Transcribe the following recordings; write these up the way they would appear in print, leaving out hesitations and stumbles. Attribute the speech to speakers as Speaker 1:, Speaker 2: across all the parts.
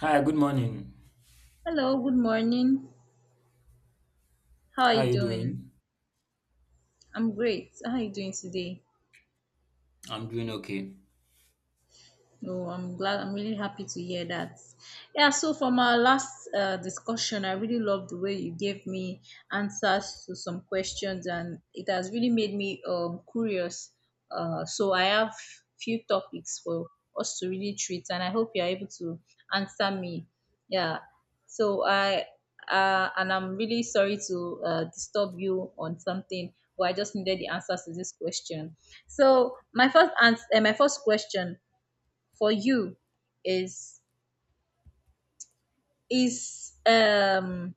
Speaker 1: Hi, good morning.
Speaker 2: Hello, good morning. How are
Speaker 1: How are
Speaker 2: you
Speaker 1: you
Speaker 2: doing?
Speaker 1: doing?
Speaker 2: I'm great. How are you doing today?
Speaker 1: I'm doing okay.
Speaker 2: No, I'm glad. I'm really happy to hear that. Yeah, so from our last discussion, I really love the way you gave me answers to some questions, and it has really made me curious. So I have few topics for us to really treat, and I hope you're able to answer me. Yeah. So I and I'm really sorry to disturb you on something, but I just needed the answers to this question. So my first answer, my first question for you is is um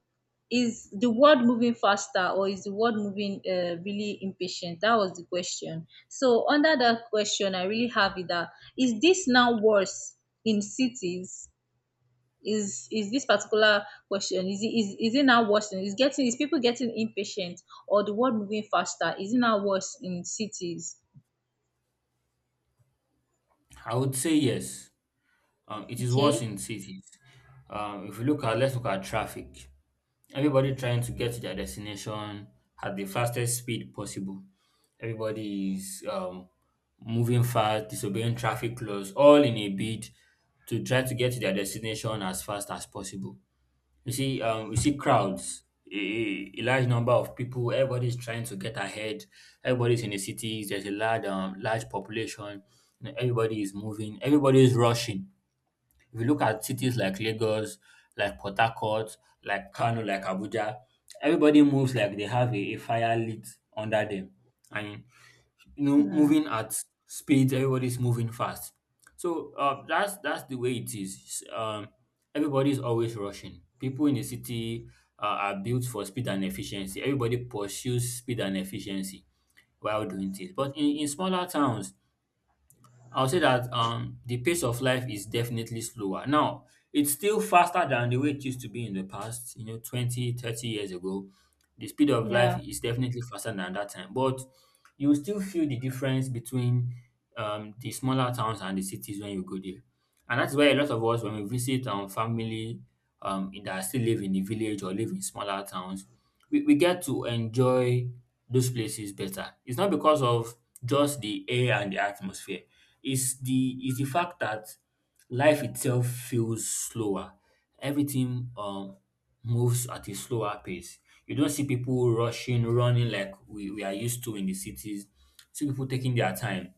Speaker 2: is the world moving faster, or is the world moving really impatient? That was the question. So under that question, I really have it that is this now worse in cities? Is this particular question, is it now worse is getting, is people getting impatient, or the world moving faster, is it now worse in cities?
Speaker 1: I would say yes. It is worse
Speaker 2: Okay.
Speaker 1: in cities. If you look at, let's look at traffic. Everybody trying to get to their destination at the fastest speed possible. Everybody is moving fast, disobeying traffic laws, all in a bid to try to get to their destination as fast as possible. You see crowds, a large number of people. Everybody's trying to get ahead. Everybody's in the cities. There's a large, large population. You know, everybody is moving. Everybody is rushing. If you look at cities like Lagos, like Port Harcourt, like Kano, like Abuja, everybody moves like they have a fire lit under them, and you know
Speaker 2: Hmm.
Speaker 1: moving at speeds, everybody's moving fast. So that's the way it is. Everybody's always rushing. People in the city are built for speed and efficiency. Everybody pursues speed and efficiency while doing things. But in smaller towns, I'll say that the pace of life is definitely slower. Now, it's still faster than the way it used to be in the past, you know, 20, 30 years ago. The speed of life
Speaker 2: Yeah.
Speaker 1: is definitely faster than that time, but you still feel the difference between the smaller towns and the cities when you go there. And that's why a lot of us, when we visit our family that still live in the village or live in smaller towns, we get to enjoy those places better. It's not because of just the air and the atmosphere. Is the fact that life itself feels slower. Everything moves at a slower pace. You don't see people rushing, running like we are used to in the cities. See people taking their time.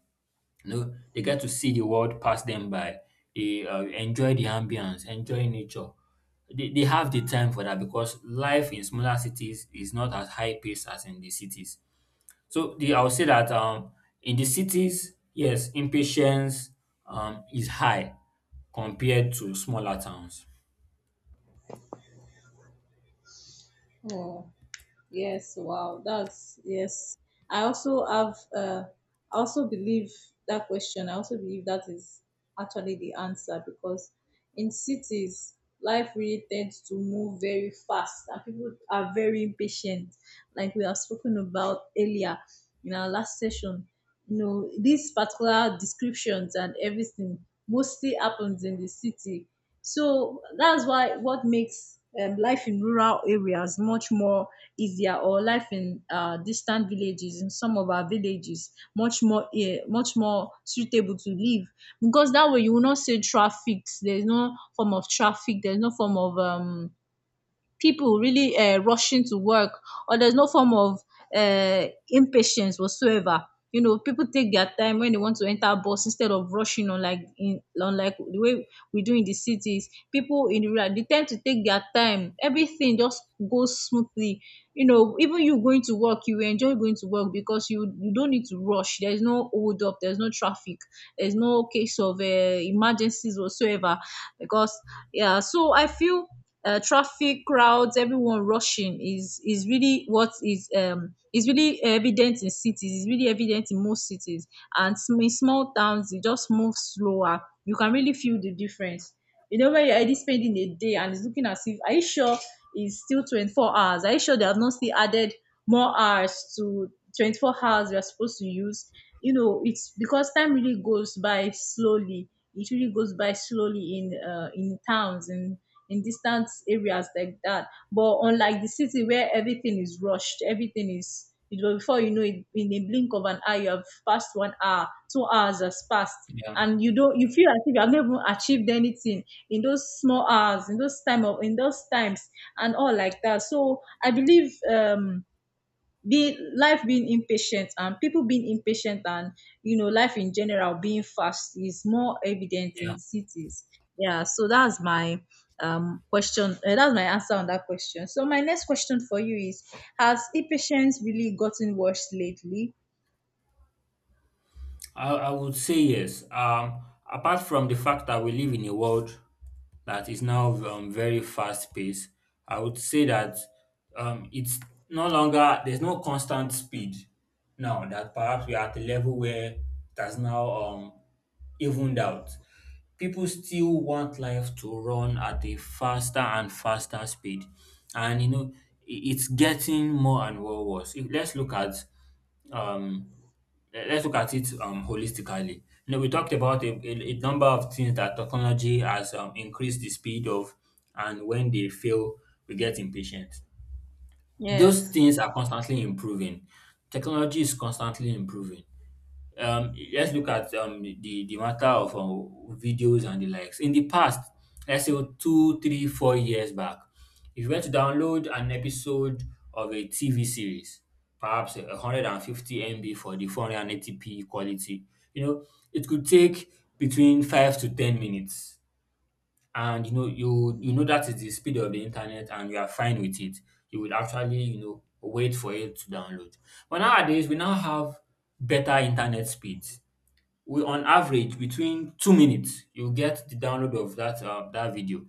Speaker 1: You know, they get to see the world pass them by. They enjoy the ambience, enjoy nature. They have the time for that because life in smaller cities is not as high pace as in the cities. So the I'll say that in the cities, yes, impatience is high compared to smaller towns.
Speaker 2: Oh. Yes, wow. That's yes. I also have uh, I also believe that question. I also believe that is actually the answer, because in cities life really tends to move very fast and people are very impatient, like we have spoken about earlier in our last session. You know, these particular descriptions and everything mostly happens in the city. So that's why what makes life in rural areas much more easier, or life in distant villages in some of our villages much more much more suitable to live, because that way you will not say traffic. There's no form of traffic, there's no form of people really rushing to work, or there's no form of impatience whatsoever. You know, people take their time when they want to enter a bus instead of rushing on like, in on like the way we do in the cities. People in the rural, they tend to take their time. Everything just goes smoothly. You know, even you going to work, you enjoy going to work because you don't need to rush. There's no hold up. There's no traffic. There's no case of emergencies whatsoever. Because yeah, so I feel traffic, crowds, everyone rushing is really what is really evident in cities. It's really evident in most cities, and in small towns it just moves slower. You can really feel the difference. You know, when you're already spending a day and it's looking as if, are you sure it's still 24 hours? Are you sure they have not still added more hours to 24 hours we are supposed to use? You know, it's because time really goes by slowly. It really goes by slowly in towns and in distant areas like that. But unlike the city where everything is rushed, everything is, you know, before you know it, in a blink of an eye, you have passed 1 hour, 2 hours has passed,
Speaker 1: Yeah,
Speaker 2: and you don't, you feel as if you have not even achieved anything in those small hours, in those time of, in those times, and all like that. So I believe be life being impatient and people being impatient and, you know, life in general being fast is more evident in
Speaker 1: yeah.
Speaker 2: cities, yeah. So that's my question, that's my answer on that question. So my next question for you is, has impatience really gotten worse lately?
Speaker 1: I would say yes. Apart from the fact that we live in a world that is now very fast paced, I would say that it's no longer, there's no constant speed now that perhaps we are at a level where that's now evened out. People still want life to run at a faster and faster speed. And, you know, it's getting more and more worse. If, let's look at um, let's look at it holistically. You know, we talked about a number of things that technology has increased the speed of, and when they fail, we get impatient. Those
Speaker 2: Yes.
Speaker 1: things are constantly improving. Technology is constantly improving. Let's look at the matter of videos and the likes. In the past, let's say two, three, four years back, if you were to download an episode of a TV series, perhaps 150 MB for the 480p quality, you know, it could take between 5 to 10 minutes. And you know, you know that is the speed of the internet and you are fine with it. You would actually, you know, wait for it to download. But nowadays we now have better internet speeds, we on average between 2 minutes you get the download of that that video.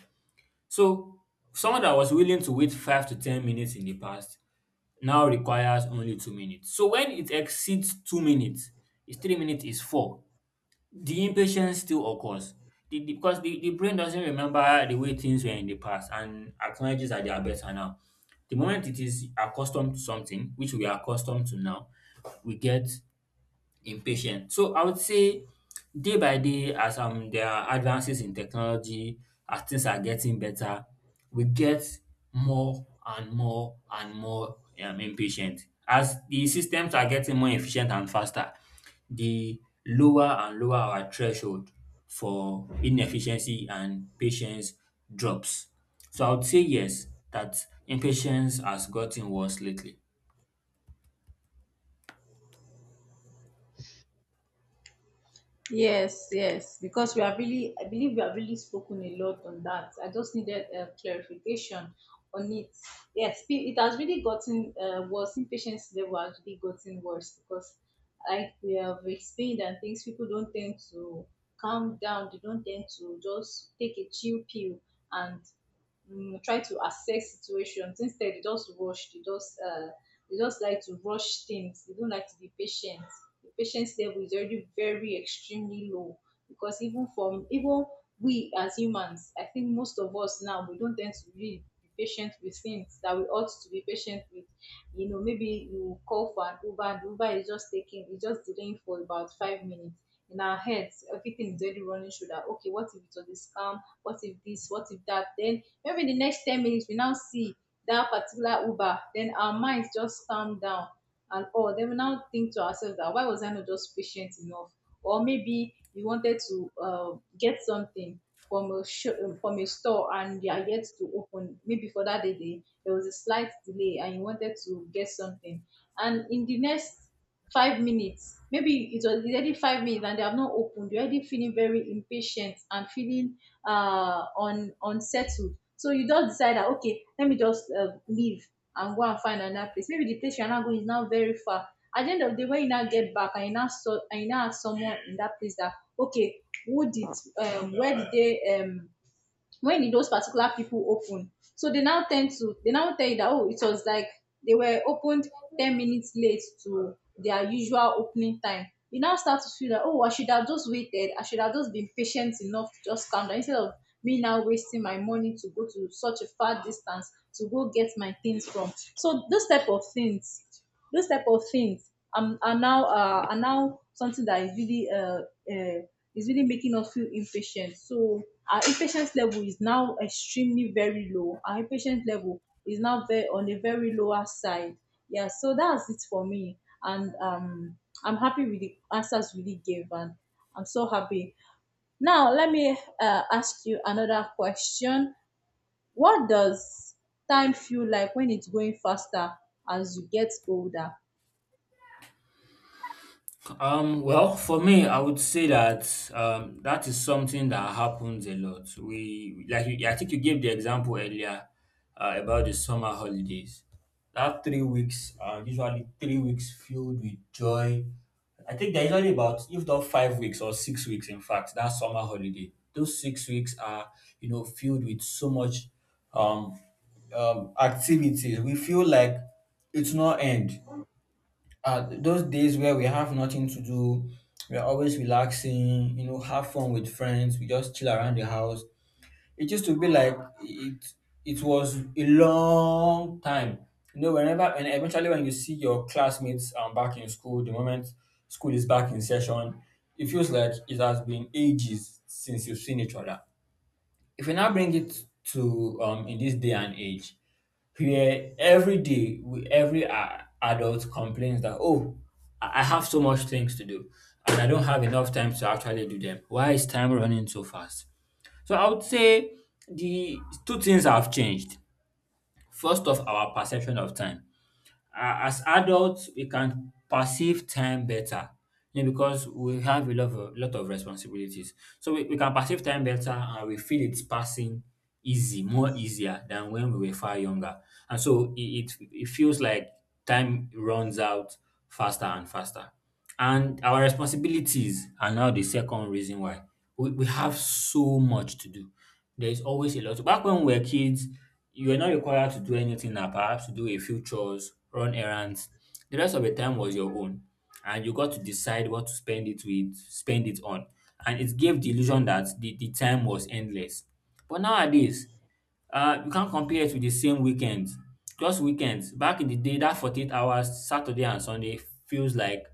Speaker 1: So someone that was willing to wait 5 to 10 minutes in the past now requires only 2 minutes. So when it exceeds 2 minutes, it's 3 minutes, is four, the impatience still occurs. Because the brain doesn't remember the way things were in the past and acknowledges that they are better now. The moment it is accustomed to something, which we are accustomed to now, we get impatient. So I would say day by day, as there are advances in technology, as things are getting better, we get more and more and more impatient. As the systems are getting more efficient and faster, the lower and lower our threshold for inefficiency and patience drops. So I would say yes, that impatience has gotten worse lately.
Speaker 2: Yes, yes, because we have really, I believe we have really spoken a lot on that. I just needed clarification on it. Yes, it has really gotten worse. Impatience level has really gotten worse because, like we have explained, and things, people don't tend to calm down. They don't tend to just take a chill pill and try to assess situations. Instead, they just rush, they just like to rush things. They don't like to be patient. The patience level is already very extremely low, because even from even we as humans, I think most of us now, we don't tend to really be patient with things that we ought to be patient with. You know, maybe you call for an Uber and Uber is just taking, it's just delaying for about 5 minutes. In our heads, everything is already running through that. Okay, what if it was a scam? What if this? What if that? Then maybe the next 10 minutes we now see that particular Uber, then our minds just calm down and all. Then we now think to ourselves that why was I not just patient enough? Or maybe you wanted to get something from from a store and they are yet to open. Maybe for that day there was a slight delay and you wanted to get something, and in the next 5 minutes, maybe it was already 5 minutes and they have not opened, you're already feeling very impatient and feeling unsettled. So you just decide that okay, let me just leave and go and find another place. Maybe the place you're now going is now very far. At the end of the day, when you now get back and you now saw and you now ask someone in that place that okay, who did where did they when those particular people open. So they now tend to, they now tell you that oh, it was like they were opened 10 minutes late to their usual opening time. You now start to feel that oh, I should have just waited. I should have just been patient enough to just calm down, instead of me now wasting my money to go to such a far distance to go get my things from. So those type of things, those type of things are now something that uh, is really making us feel impatient. So our impatience level is now extremely very low. Our impatience level is now very, on a very lower side. Yeah, so that's it for me. And I'm happy with the answers we really gave, and I'm so happy. Now let me ask you another question. What does time feel like when it's going faster as you get older?
Speaker 1: Well, for me, I would say that that is something that happens a lot. We like you, I think you gave the example earlier about the summer holidays. That 3 weeks are usually 3 weeks filled with joy. I think they're usually about if not 5 weeks or 6 weeks. In fact, that summer holiday, those 6 weeks are you know filled with so much um, activities. We feel like it's not end those days where we have nothing to do, we are always relaxing, you know, have fun with friends, we just chill around the house. It used to be like it was a long time. You know, whenever and eventually when you see your classmates back in school, the moment school is back in session, it feels like it has been ages since you've seen each other. If we now bring it to in this day and age, where every day, every adult complains that, oh, I have so much things to do and I don't have enough time to actually do them. Why is time running so fast? So I would say the two things have changed. First off, our perception of time. A- as adults, we can perceive time better, you know, because we have a lot of responsibilities. So we can perceive time better and we feel it's passing easy, more easier than when we were far younger. And so it feels like time runs out faster and faster. And our responsibilities are now the second reason why. We have so much to do. There's always a lot. Back when we were kids, you were not required to do anything now, perhaps to do a few chores, run errands. The rest of the time was your own, and you got to decide what to spend it with, spend it on. And it gave the illusion that the time was endless. But nowadays, you can't compare it with the same weekend. Just weekends. Back in the day, that 48 hours, Saturday and Sunday feels like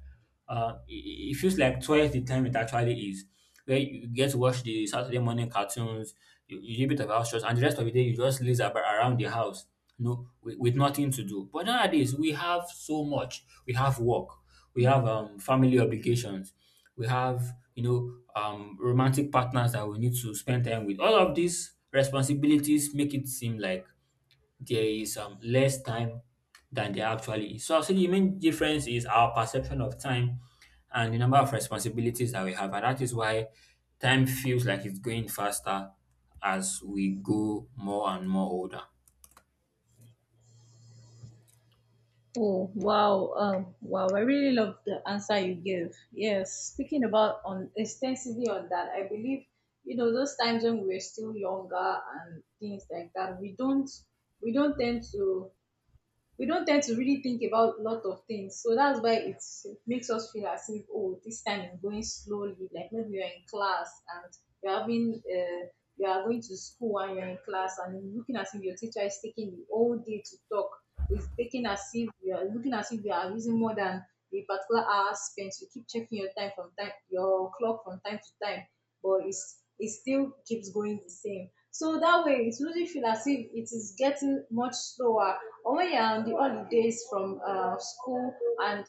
Speaker 1: uh, it, it feels like twice the time it actually is. Where you get to watch the Saturday morning cartoons, you do a bit of house chores, and the rest of the day you just laze about around the house, you know, with nothing to do. But nowadays we have so much. We have work, we have family obligations, we have you know romantic partners that we need to spend time with. All of these responsibilities make it seem like there is less time than there actually is. So I'll say the main difference is our perception of time and the number of responsibilities that we have, and that is why time feels like it's going faster as we go more and more older.
Speaker 2: Oh wow, wow! I really love the answer you gave. Yes, speaking about on extensively on that, I believe, you know, those times when we were still younger and things like that. We don't tend to, we don't tend to really think about a lot of things. So that's why it's, it makes us feel as if oh, this time is going slowly. Like maybe you're in class and you're having, you are going to school and you're in class and looking as if your teacher is taking the whole day to talk. It's taking as if, we are looking as if, we are using more than the particular hour spent. You keep checking your time from time, your clock from time to time, but it still keeps going the same. So that way, it really feel as if it is getting much slower. Or when you're on the holidays from school and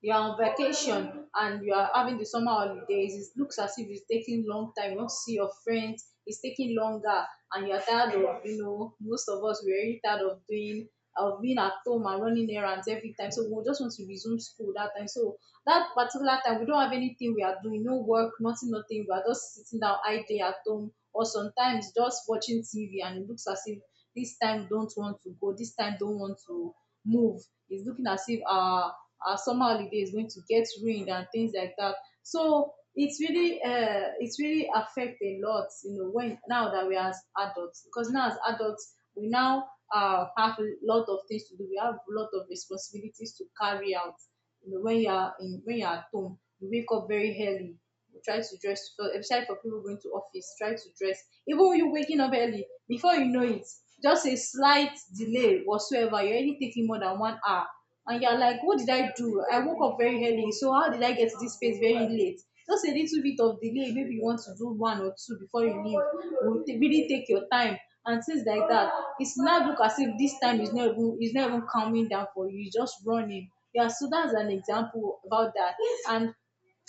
Speaker 2: you're on vacation and you are having the summer holidays, it looks as if it's taking long time. You want to see your friends, it's taking longer, and you're tired of, you know, most of us we're really tired of doing, of being at home and running errands every time. So we just want to resume school that time. So that particular time we don't have anything we are doing, no work, nothing, nothing. We are just sitting down idle at home or sometimes just watching TV, and it looks as if this time don't want to go, this time don't want to move. It's looking as if our summer holiday is going to get ruined and things like that. So it's really affect a lot, you know, when now that we are as adults, because now as adults we now have a lot of things to do. We have a lot of responsibilities to carry out. You know, when you are in, when you are at home, you wake up very early, try to dress for, especially for people going to office, try to dress. Even you waking up early, before you know it, just a slight delay whatsoever, you're already taking more than 1 hour and you're like, what did I do? I woke up very early, so how did I get to this space very late? Just a little bit of delay, maybe you want to do one or two before you leave, really take your time and things like that. It's not look as if this time is not even, is not even calming down for you, it's just running. Yeah, so that's an example about that. And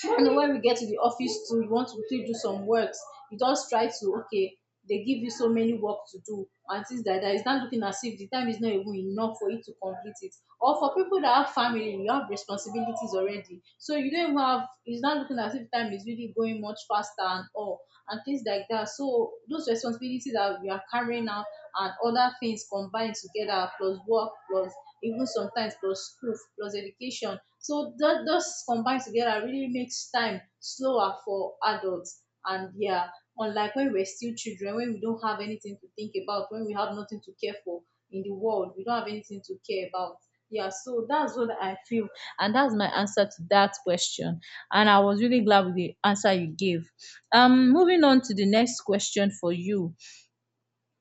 Speaker 2: when we get to the office too, you want to quickly do some works. You just try to, okay, they give you so many work to do and things like that. It's not looking as if the time is not even enough for you to complete it. Or for people that have family, you have responsibilities already. So you don't even have, it's not looking as if time is really going much faster and all and things like that. So those responsibilities that we are carrying out and other things combined together plus work plus even sometimes plus school plus education, so that those combined together really makes time slower for adults. And yeah, unlike when we're still children, when we don't have anything to think about, when we have nothing to care for in the world, we don't have anything to care about. Yeah, so that's what I feel. And that's my answer to that question. And I was really glad with the answer you gave. Moving on to the next question for you.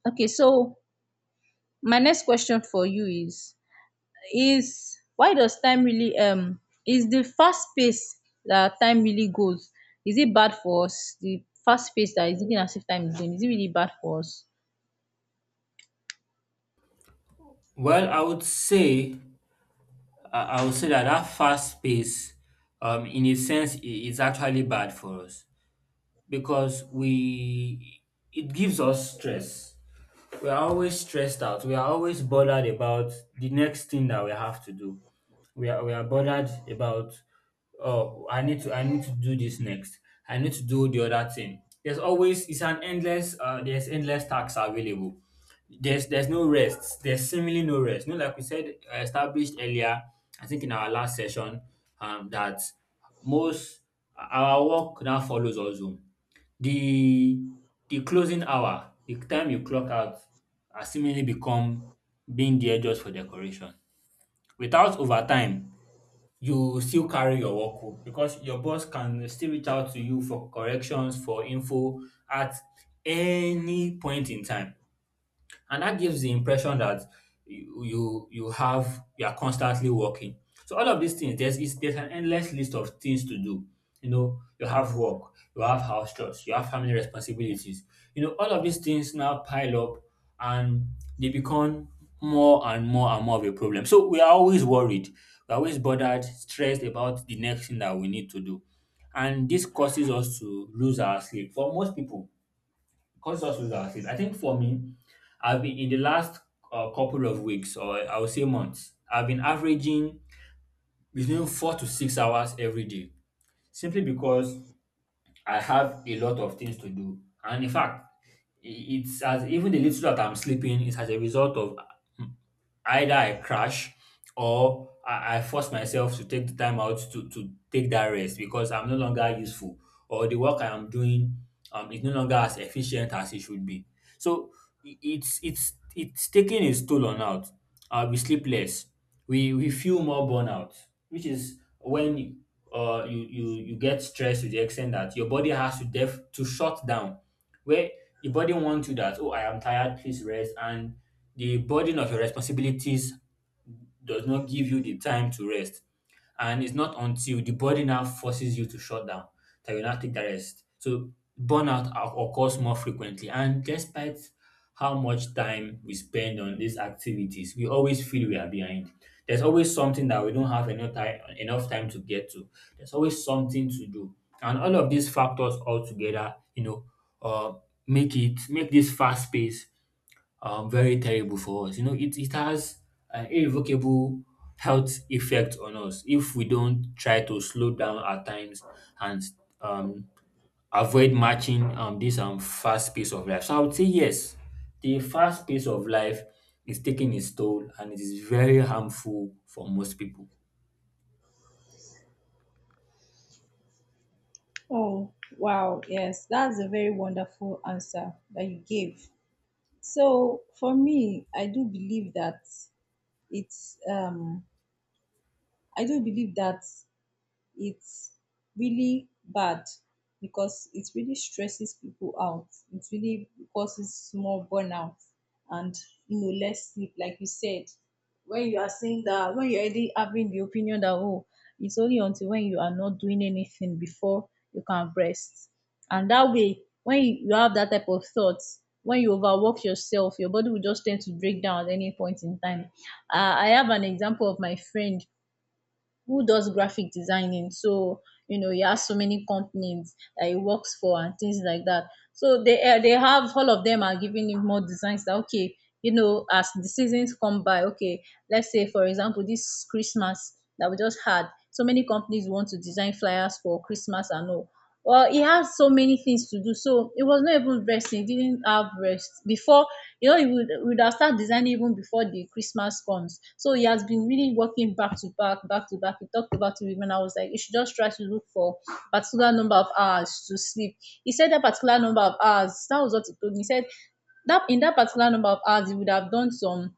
Speaker 2: Okay, so my next question for you is why does time really is the fast pace that time really goes, is it bad for us? The fast pace that is looking as if time is going, is it really bad for us?
Speaker 1: Well, I would say I would say that that fast pace in a sense is actually bad for us because we it gives us stress. We are always stressed out. We are always bothered about the next thing that we have to do. We are bothered about, oh, I need to do this next. I need to do the other thing. There's always, it's an endless there's endless tasks available. There's no rest. There's seemingly no rest. You know, like we said established earlier, I think in our last session, that most, our work now follows us home. The the closing hour, the time you clock out, has seemingly become being there just for decoration. Without overtime, you still carry your work home because your boss can still reach out to you for corrections, for info at any point in time, and that gives the impression that you are constantly working. So all of these things, there's an endless list of things to do. You know, you have work, you have house chores, you have family responsibilities. You know, all of these things now pile up and they become more and more and more of a problem. So we are always worried, we're always bothered, stressed about the next thing that we need to do. And this causes us to lose our sleep. For most people, consensus, I said. I think for me, I've been in the last couple of weeks, or I would say months, I've been averaging between 4 to 6 hours every day, simply because I have a lot of things to do. And in fact, I- it's as even the little that I'm sleeping is as a result of either I crash or I force myself to take the time out to take that rest because I'm no longer useful or the work I am doing is no longer as efficient as it should be. So it's taking its toll on out. We sleep less. We feel more burnout, which is when you get stressed to the extent that your body has to def to shut down where the body wants you that, oh, I am tired, please rest. And the burden of your responsibilities does not give you the time to rest. And it's not until the body now forces you to shut down that you now take the rest. So burnout occurs more frequently. And despite how much time we spend on these activities, we always feel we are behind. There's always something that we don't have enough time to get to. There's always something to do. And all of these factors all together, uh, make this fast pace very terrible for us. You know, it has an irrevocable health effect on us if we don't try to slow down our times and um, avoid matching this fast pace of life. So I would say yes, the fast pace of life is taking its toll and it is very harmful for most people.
Speaker 2: Oh, wow. Yes, that's a very wonderful answer that you gave. So, for me, I do believe that it's, um, I do believe that it's really bad because it really stresses people out. It really causes more burnout and, you know, less sleep, like you said. When you are saying that, when you're already having the opinion that, oh, it's only until when you are not doing anything before you can rest. And that way, when you have that type of thoughts, when you overwork yourself, your body will just tend to break down at any point in time. I have an example of my friend who does graphic designing. So you know, he has so many companies that he works for and things like that. So they, they have, all of them are giving him more designs. That okay, you know, as the seasons come by, okay, let's say for example, this Christmas that we just had, so many companies want to design flyers for Christmas and all. Well, he had so many things to do, so it was not even resting. He didn't have rest before. You know, he would have started designing even before the Christmas comes. So he has been really working back to back, back to back. He talked about it even. I was like, you should just try to look for particular number of hours to sleep. He said that particular number of hours. That was what he told me. He said that in that particular number of hours, he would have done some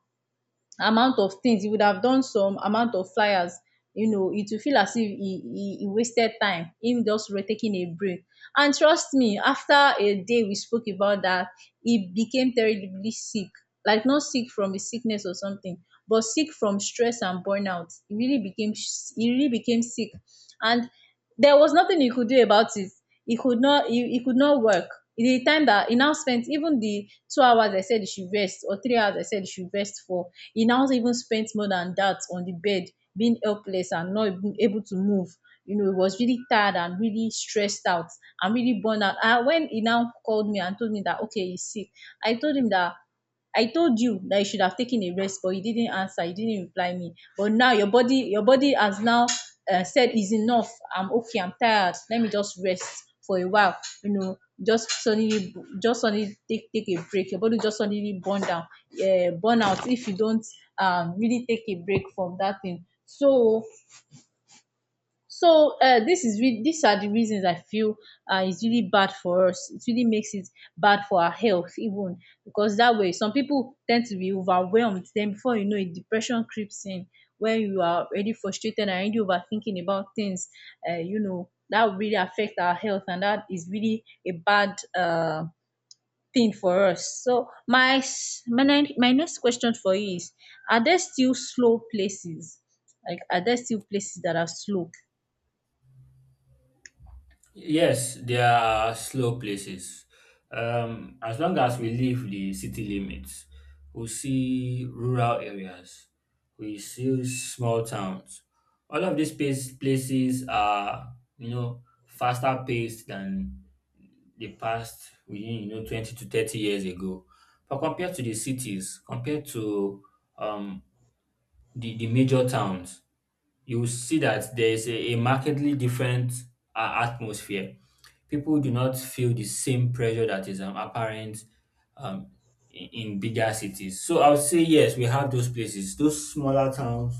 Speaker 2: amount of things, he would have done some amount of flyers. You know, it will feel as if he wasted time, him just taking a break. And trust me, after a day we spoke about that, he became terribly sick. Like, not sick from a sickness or something, but sick from stress and burnout. He really became, he really became sick, and there was nothing he could do about it. He could not, he could not work. The time that he now spent, even the 2 hours I said he should rest, or 3 hours I said he should rest for, he now even spent more than that on the bed, being helpless and not even able to move. You know, he was really tired and really stressed out and really burned out. And when he now called me and told me that okay, he's sick, I told him that, I told you that you should have taken a rest, but you didn't answer. You didn't reply me. But now your body has now, said is enough. I'm okay. I'm tired. Let me just rest for a while. You know, just suddenly, just suddenly take a break. Your body just suddenly burn down, burn out if you don't really take a break from that thing. So so, this is these are the reasons I feel, it's really bad for us. It really makes it bad for our health even, because that way some people tend to be overwhelmed. Then before you know it, depression creeps in when you are already frustrated and already overthinking about things. You know, that will really affect our health and that is really a bad thing for us. So my s- my ne- my next question for you is: Are there still slow places? Like, are there still places that are slow?
Speaker 1: Yes, there are slow places. As long as we leave the city limits, we see rural areas, we see small towns. All of these places are, you know, faster paced than the past within, you know, 20 to 30 years ago. But compared to the cities, compared to um, the major towns, you see that there is a markedly different atmosphere. People do not feel the same pressure that is apparent um, in bigger cities. So I would say, yes, we have those places, those smaller towns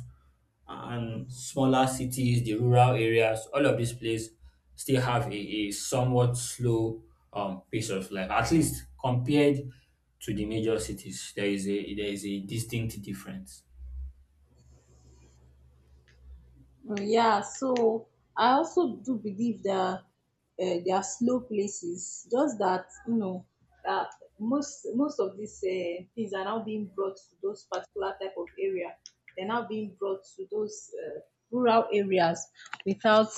Speaker 1: and smaller cities, the rural areas, all of these places still have a somewhat slow pace of life, at least compared to the major cities. There is a distinct difference.
Speaker 2: Mm, yeah, so I also do believe that, there are slow places. Just that you know that most of these, things are now being brought to those particular type of area. They're now being brought to those, rural areas without,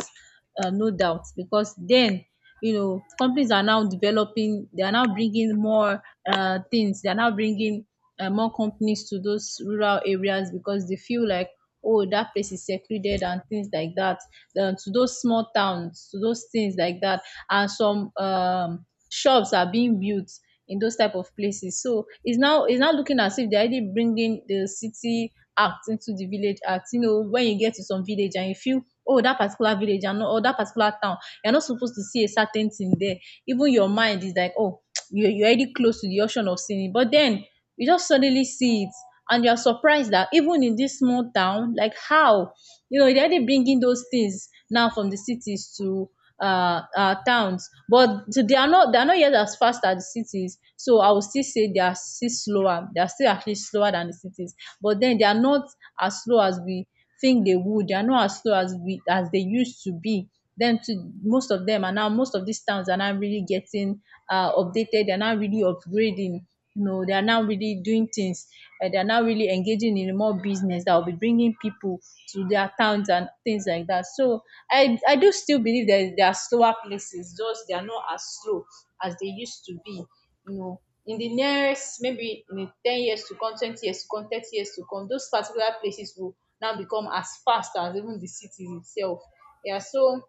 Speaker 2: no doubt, because then you know, companies are now developing, they are now bringing more, things, they are now bringing, more companies to those rural areas because they feel like, oh, that place is secluded and things like that. Then to those small towns, to those things like that. And some, shops are being built in those type of places. So it's now, it's now looking as if they're already bringing the city act into the village act. You know, when you get to some village and you feel, oh, that particular village and or that particular town, you're not supposed to see a certain thing there. Even your mind is like, oh you're already close to the option of seeing it. But then you just suddenly see it and you are surprised that even in this small town, like how, you know, they're already bringing those things now from the cities to, towns. But so they are not yet as fast as the cities. So I will still say they are still slower, they are still actually slower than the cities. But then they are not as slow as we think dey would. They are not as slow as we as they used to be. Them too, most of them are now, most of these towns are now really getting, updated. They're now really upgrading. You know, they are now really doing things. They are now really engaging in more business that will be bringing people to their towns and things like that. So I do still believe that there are slower places. Just they are not as slow as they used to be. You know, in the next, maybe in the 10 years to come, 20 years to come, 30 years to come, those particular places will now become as fast as even the city itself. Yeah, so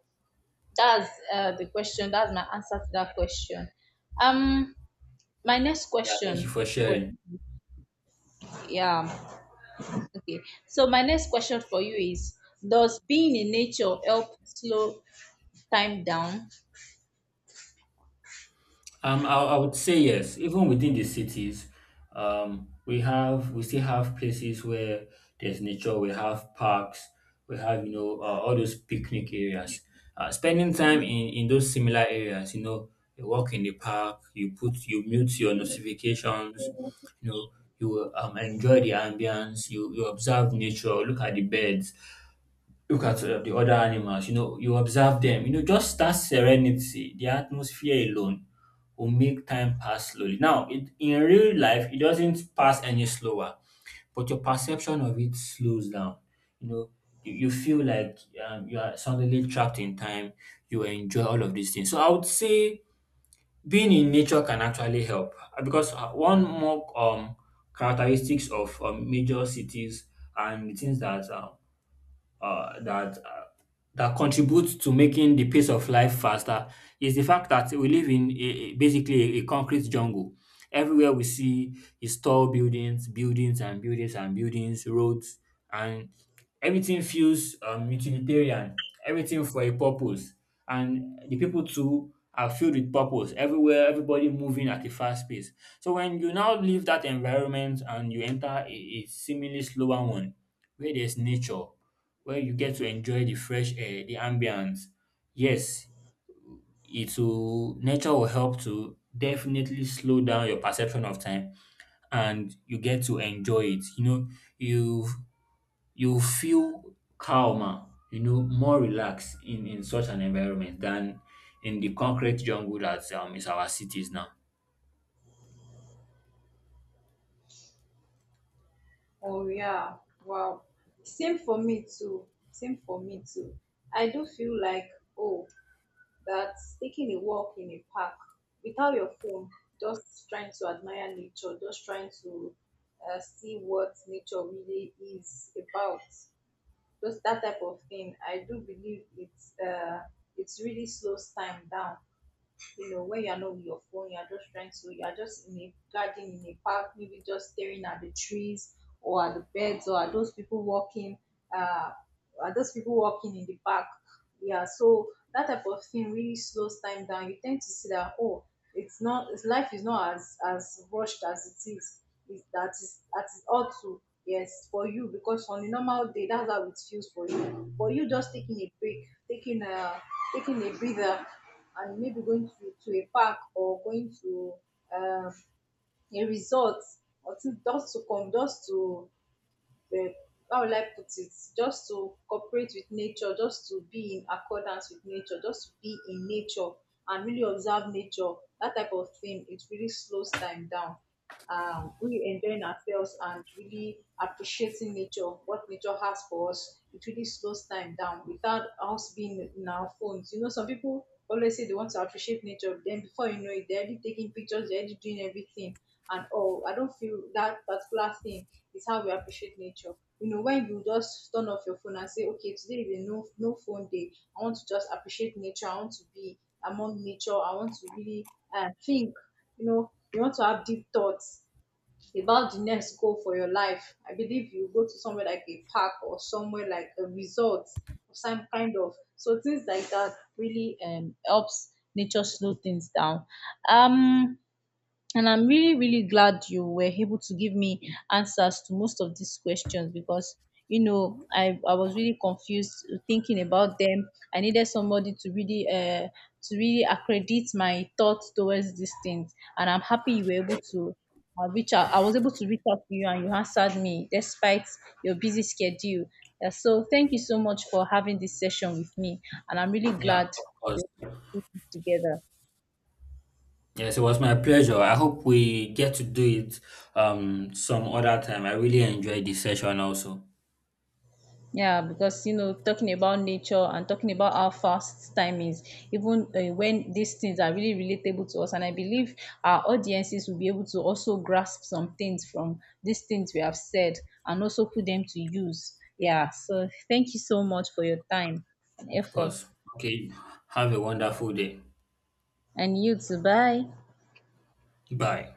Speaker 2: that's the question that's my answer to that question. um my next
Speaker 1: Yeah, thank you
Speaker 2: question
Speaker 1: for
Speaker 2: for
Speaker 1: sharing.
Speaker 2: Yeah. Okay, so my next question for you is, does being in nature help slow time down?
Speaker 1: I would say yes. Even within the cities, we still have places where there's nature. We have parks. We have you know all those picnic areas. Spending time in those similar areas, you know, you walk in the park. You mute your notifications. You know, you enjoy the ambience. You observe nature. Look at the birds, look at the other animals, you know, you observe them, you know, just that serenity, the atmosphere alone will make time pass slowly. Now, it, in real life, it doesn't pass any slower, but your perception of it slows down. You know, you feel like you are suddenly trapped in time, you enjoy all of these things. So, I would say being in nature can actually help because one more characteristics of major cities and the things that uh, that uh, that contributes to making the pace of life faster is the fact that we live in basically a concrete jungle. Everywhere we see is tall buildings, buildings and buildings and buildings, roads, and everything feels utilitarian. Everything for a purpose, and the people too are filled with purpose. Everywhere, everybody moving at a fast pace. So when you now leave that environment and you enter a seemingly slower one, where there's nature, where you get to enjoy the fresh air, the ambience. Yes, it will nature will help to definitely slow down your perception of time and you get to enjoy it. You know, you you feel calmer, you know, more relaxed in such an environment than in the concrete jungle that is our cities now.
Speaker 2: Oh yeah, wow. Same for me too. Same for me too. I do feel like, oh, that's taking a walk in a park without your phone, just trying to admire nature, just trying to, see what nature really is about. Just that type of thing. I do believe it's, it really slows time down. You know, when you're not with your phone, you're just trying to, you're just in a garden, in a park, maybe just staring at the trees or at the birds or at those people walking, uh, at those people walking in the park. Yeah, so that type of thing really slows time down. You tend to see that, oh, it's not, it's, life is not as, as rushed as it is. Is that, is that is all too yes for you, because on a normal day that's how it feels for you. But you just taking a break, taking a taking a breather and maybe going to a park or going to, um, a resort or to, just to come, just to, uh, how will I put it, just to cooperate with nature, just to be in accordance with nature, just to be in nature and really observe nature. That type of thing, it really slows time down. Really enjoying ourselves and really appreciating nature, what nature has for us, it really slows time down without us being in our phones. You know, some people always say they want to appreciate nature, then before you know it, they're already taking pictures, they're already doing everything. And oh, I don't feel that particular thing is how we appreciate nature. You know, when you just turn off your phone and say, okay, today is a no phone day. I want to just appreciate nature. I want to be among nature. I want to really, think, you know, you want to have deep thoughts about the next goal for your life, I believe you go to somewhere like a park or somewhere like a resort or some kind of. So things like that really, helps nature slow things down. Um and I'm really, really glad you were able to give me answers to most of these questions, because, you know, I was really confused thinking about them. I needed somebody to really accredit my thoughts towards these things. And I'm happy you were able to, reach out. I was able to reach out to you and you answered me despite your busy schedule. Yeah, so thank you so much for having this session with me. And I'm really
Speaker 1: Yeah,
Speaker 2: glad
Speaker 1: of
Speaker 2: we
Speaker 1: course.
Speaker 2: we're able to do this together.
Speaker 1: Yes, it was my pleasure. I hope we get to do it some other time. I really enjoyed this session also.
Speaker 2: Yeah, because you know, talking about nature and talking about how fast time is, even, when these things are really relatable to us, and I believe our audiences will be able to also grasp some things from these things we have said and also put them to use. Yeah, so thank you so much for your time and
Speaker 1: Of
Speaker 2: effort,
Speaker 1: course. Okay. Have a wonderful day.
Speaker 2: and you too. Bye.
Speaker 1: Bye.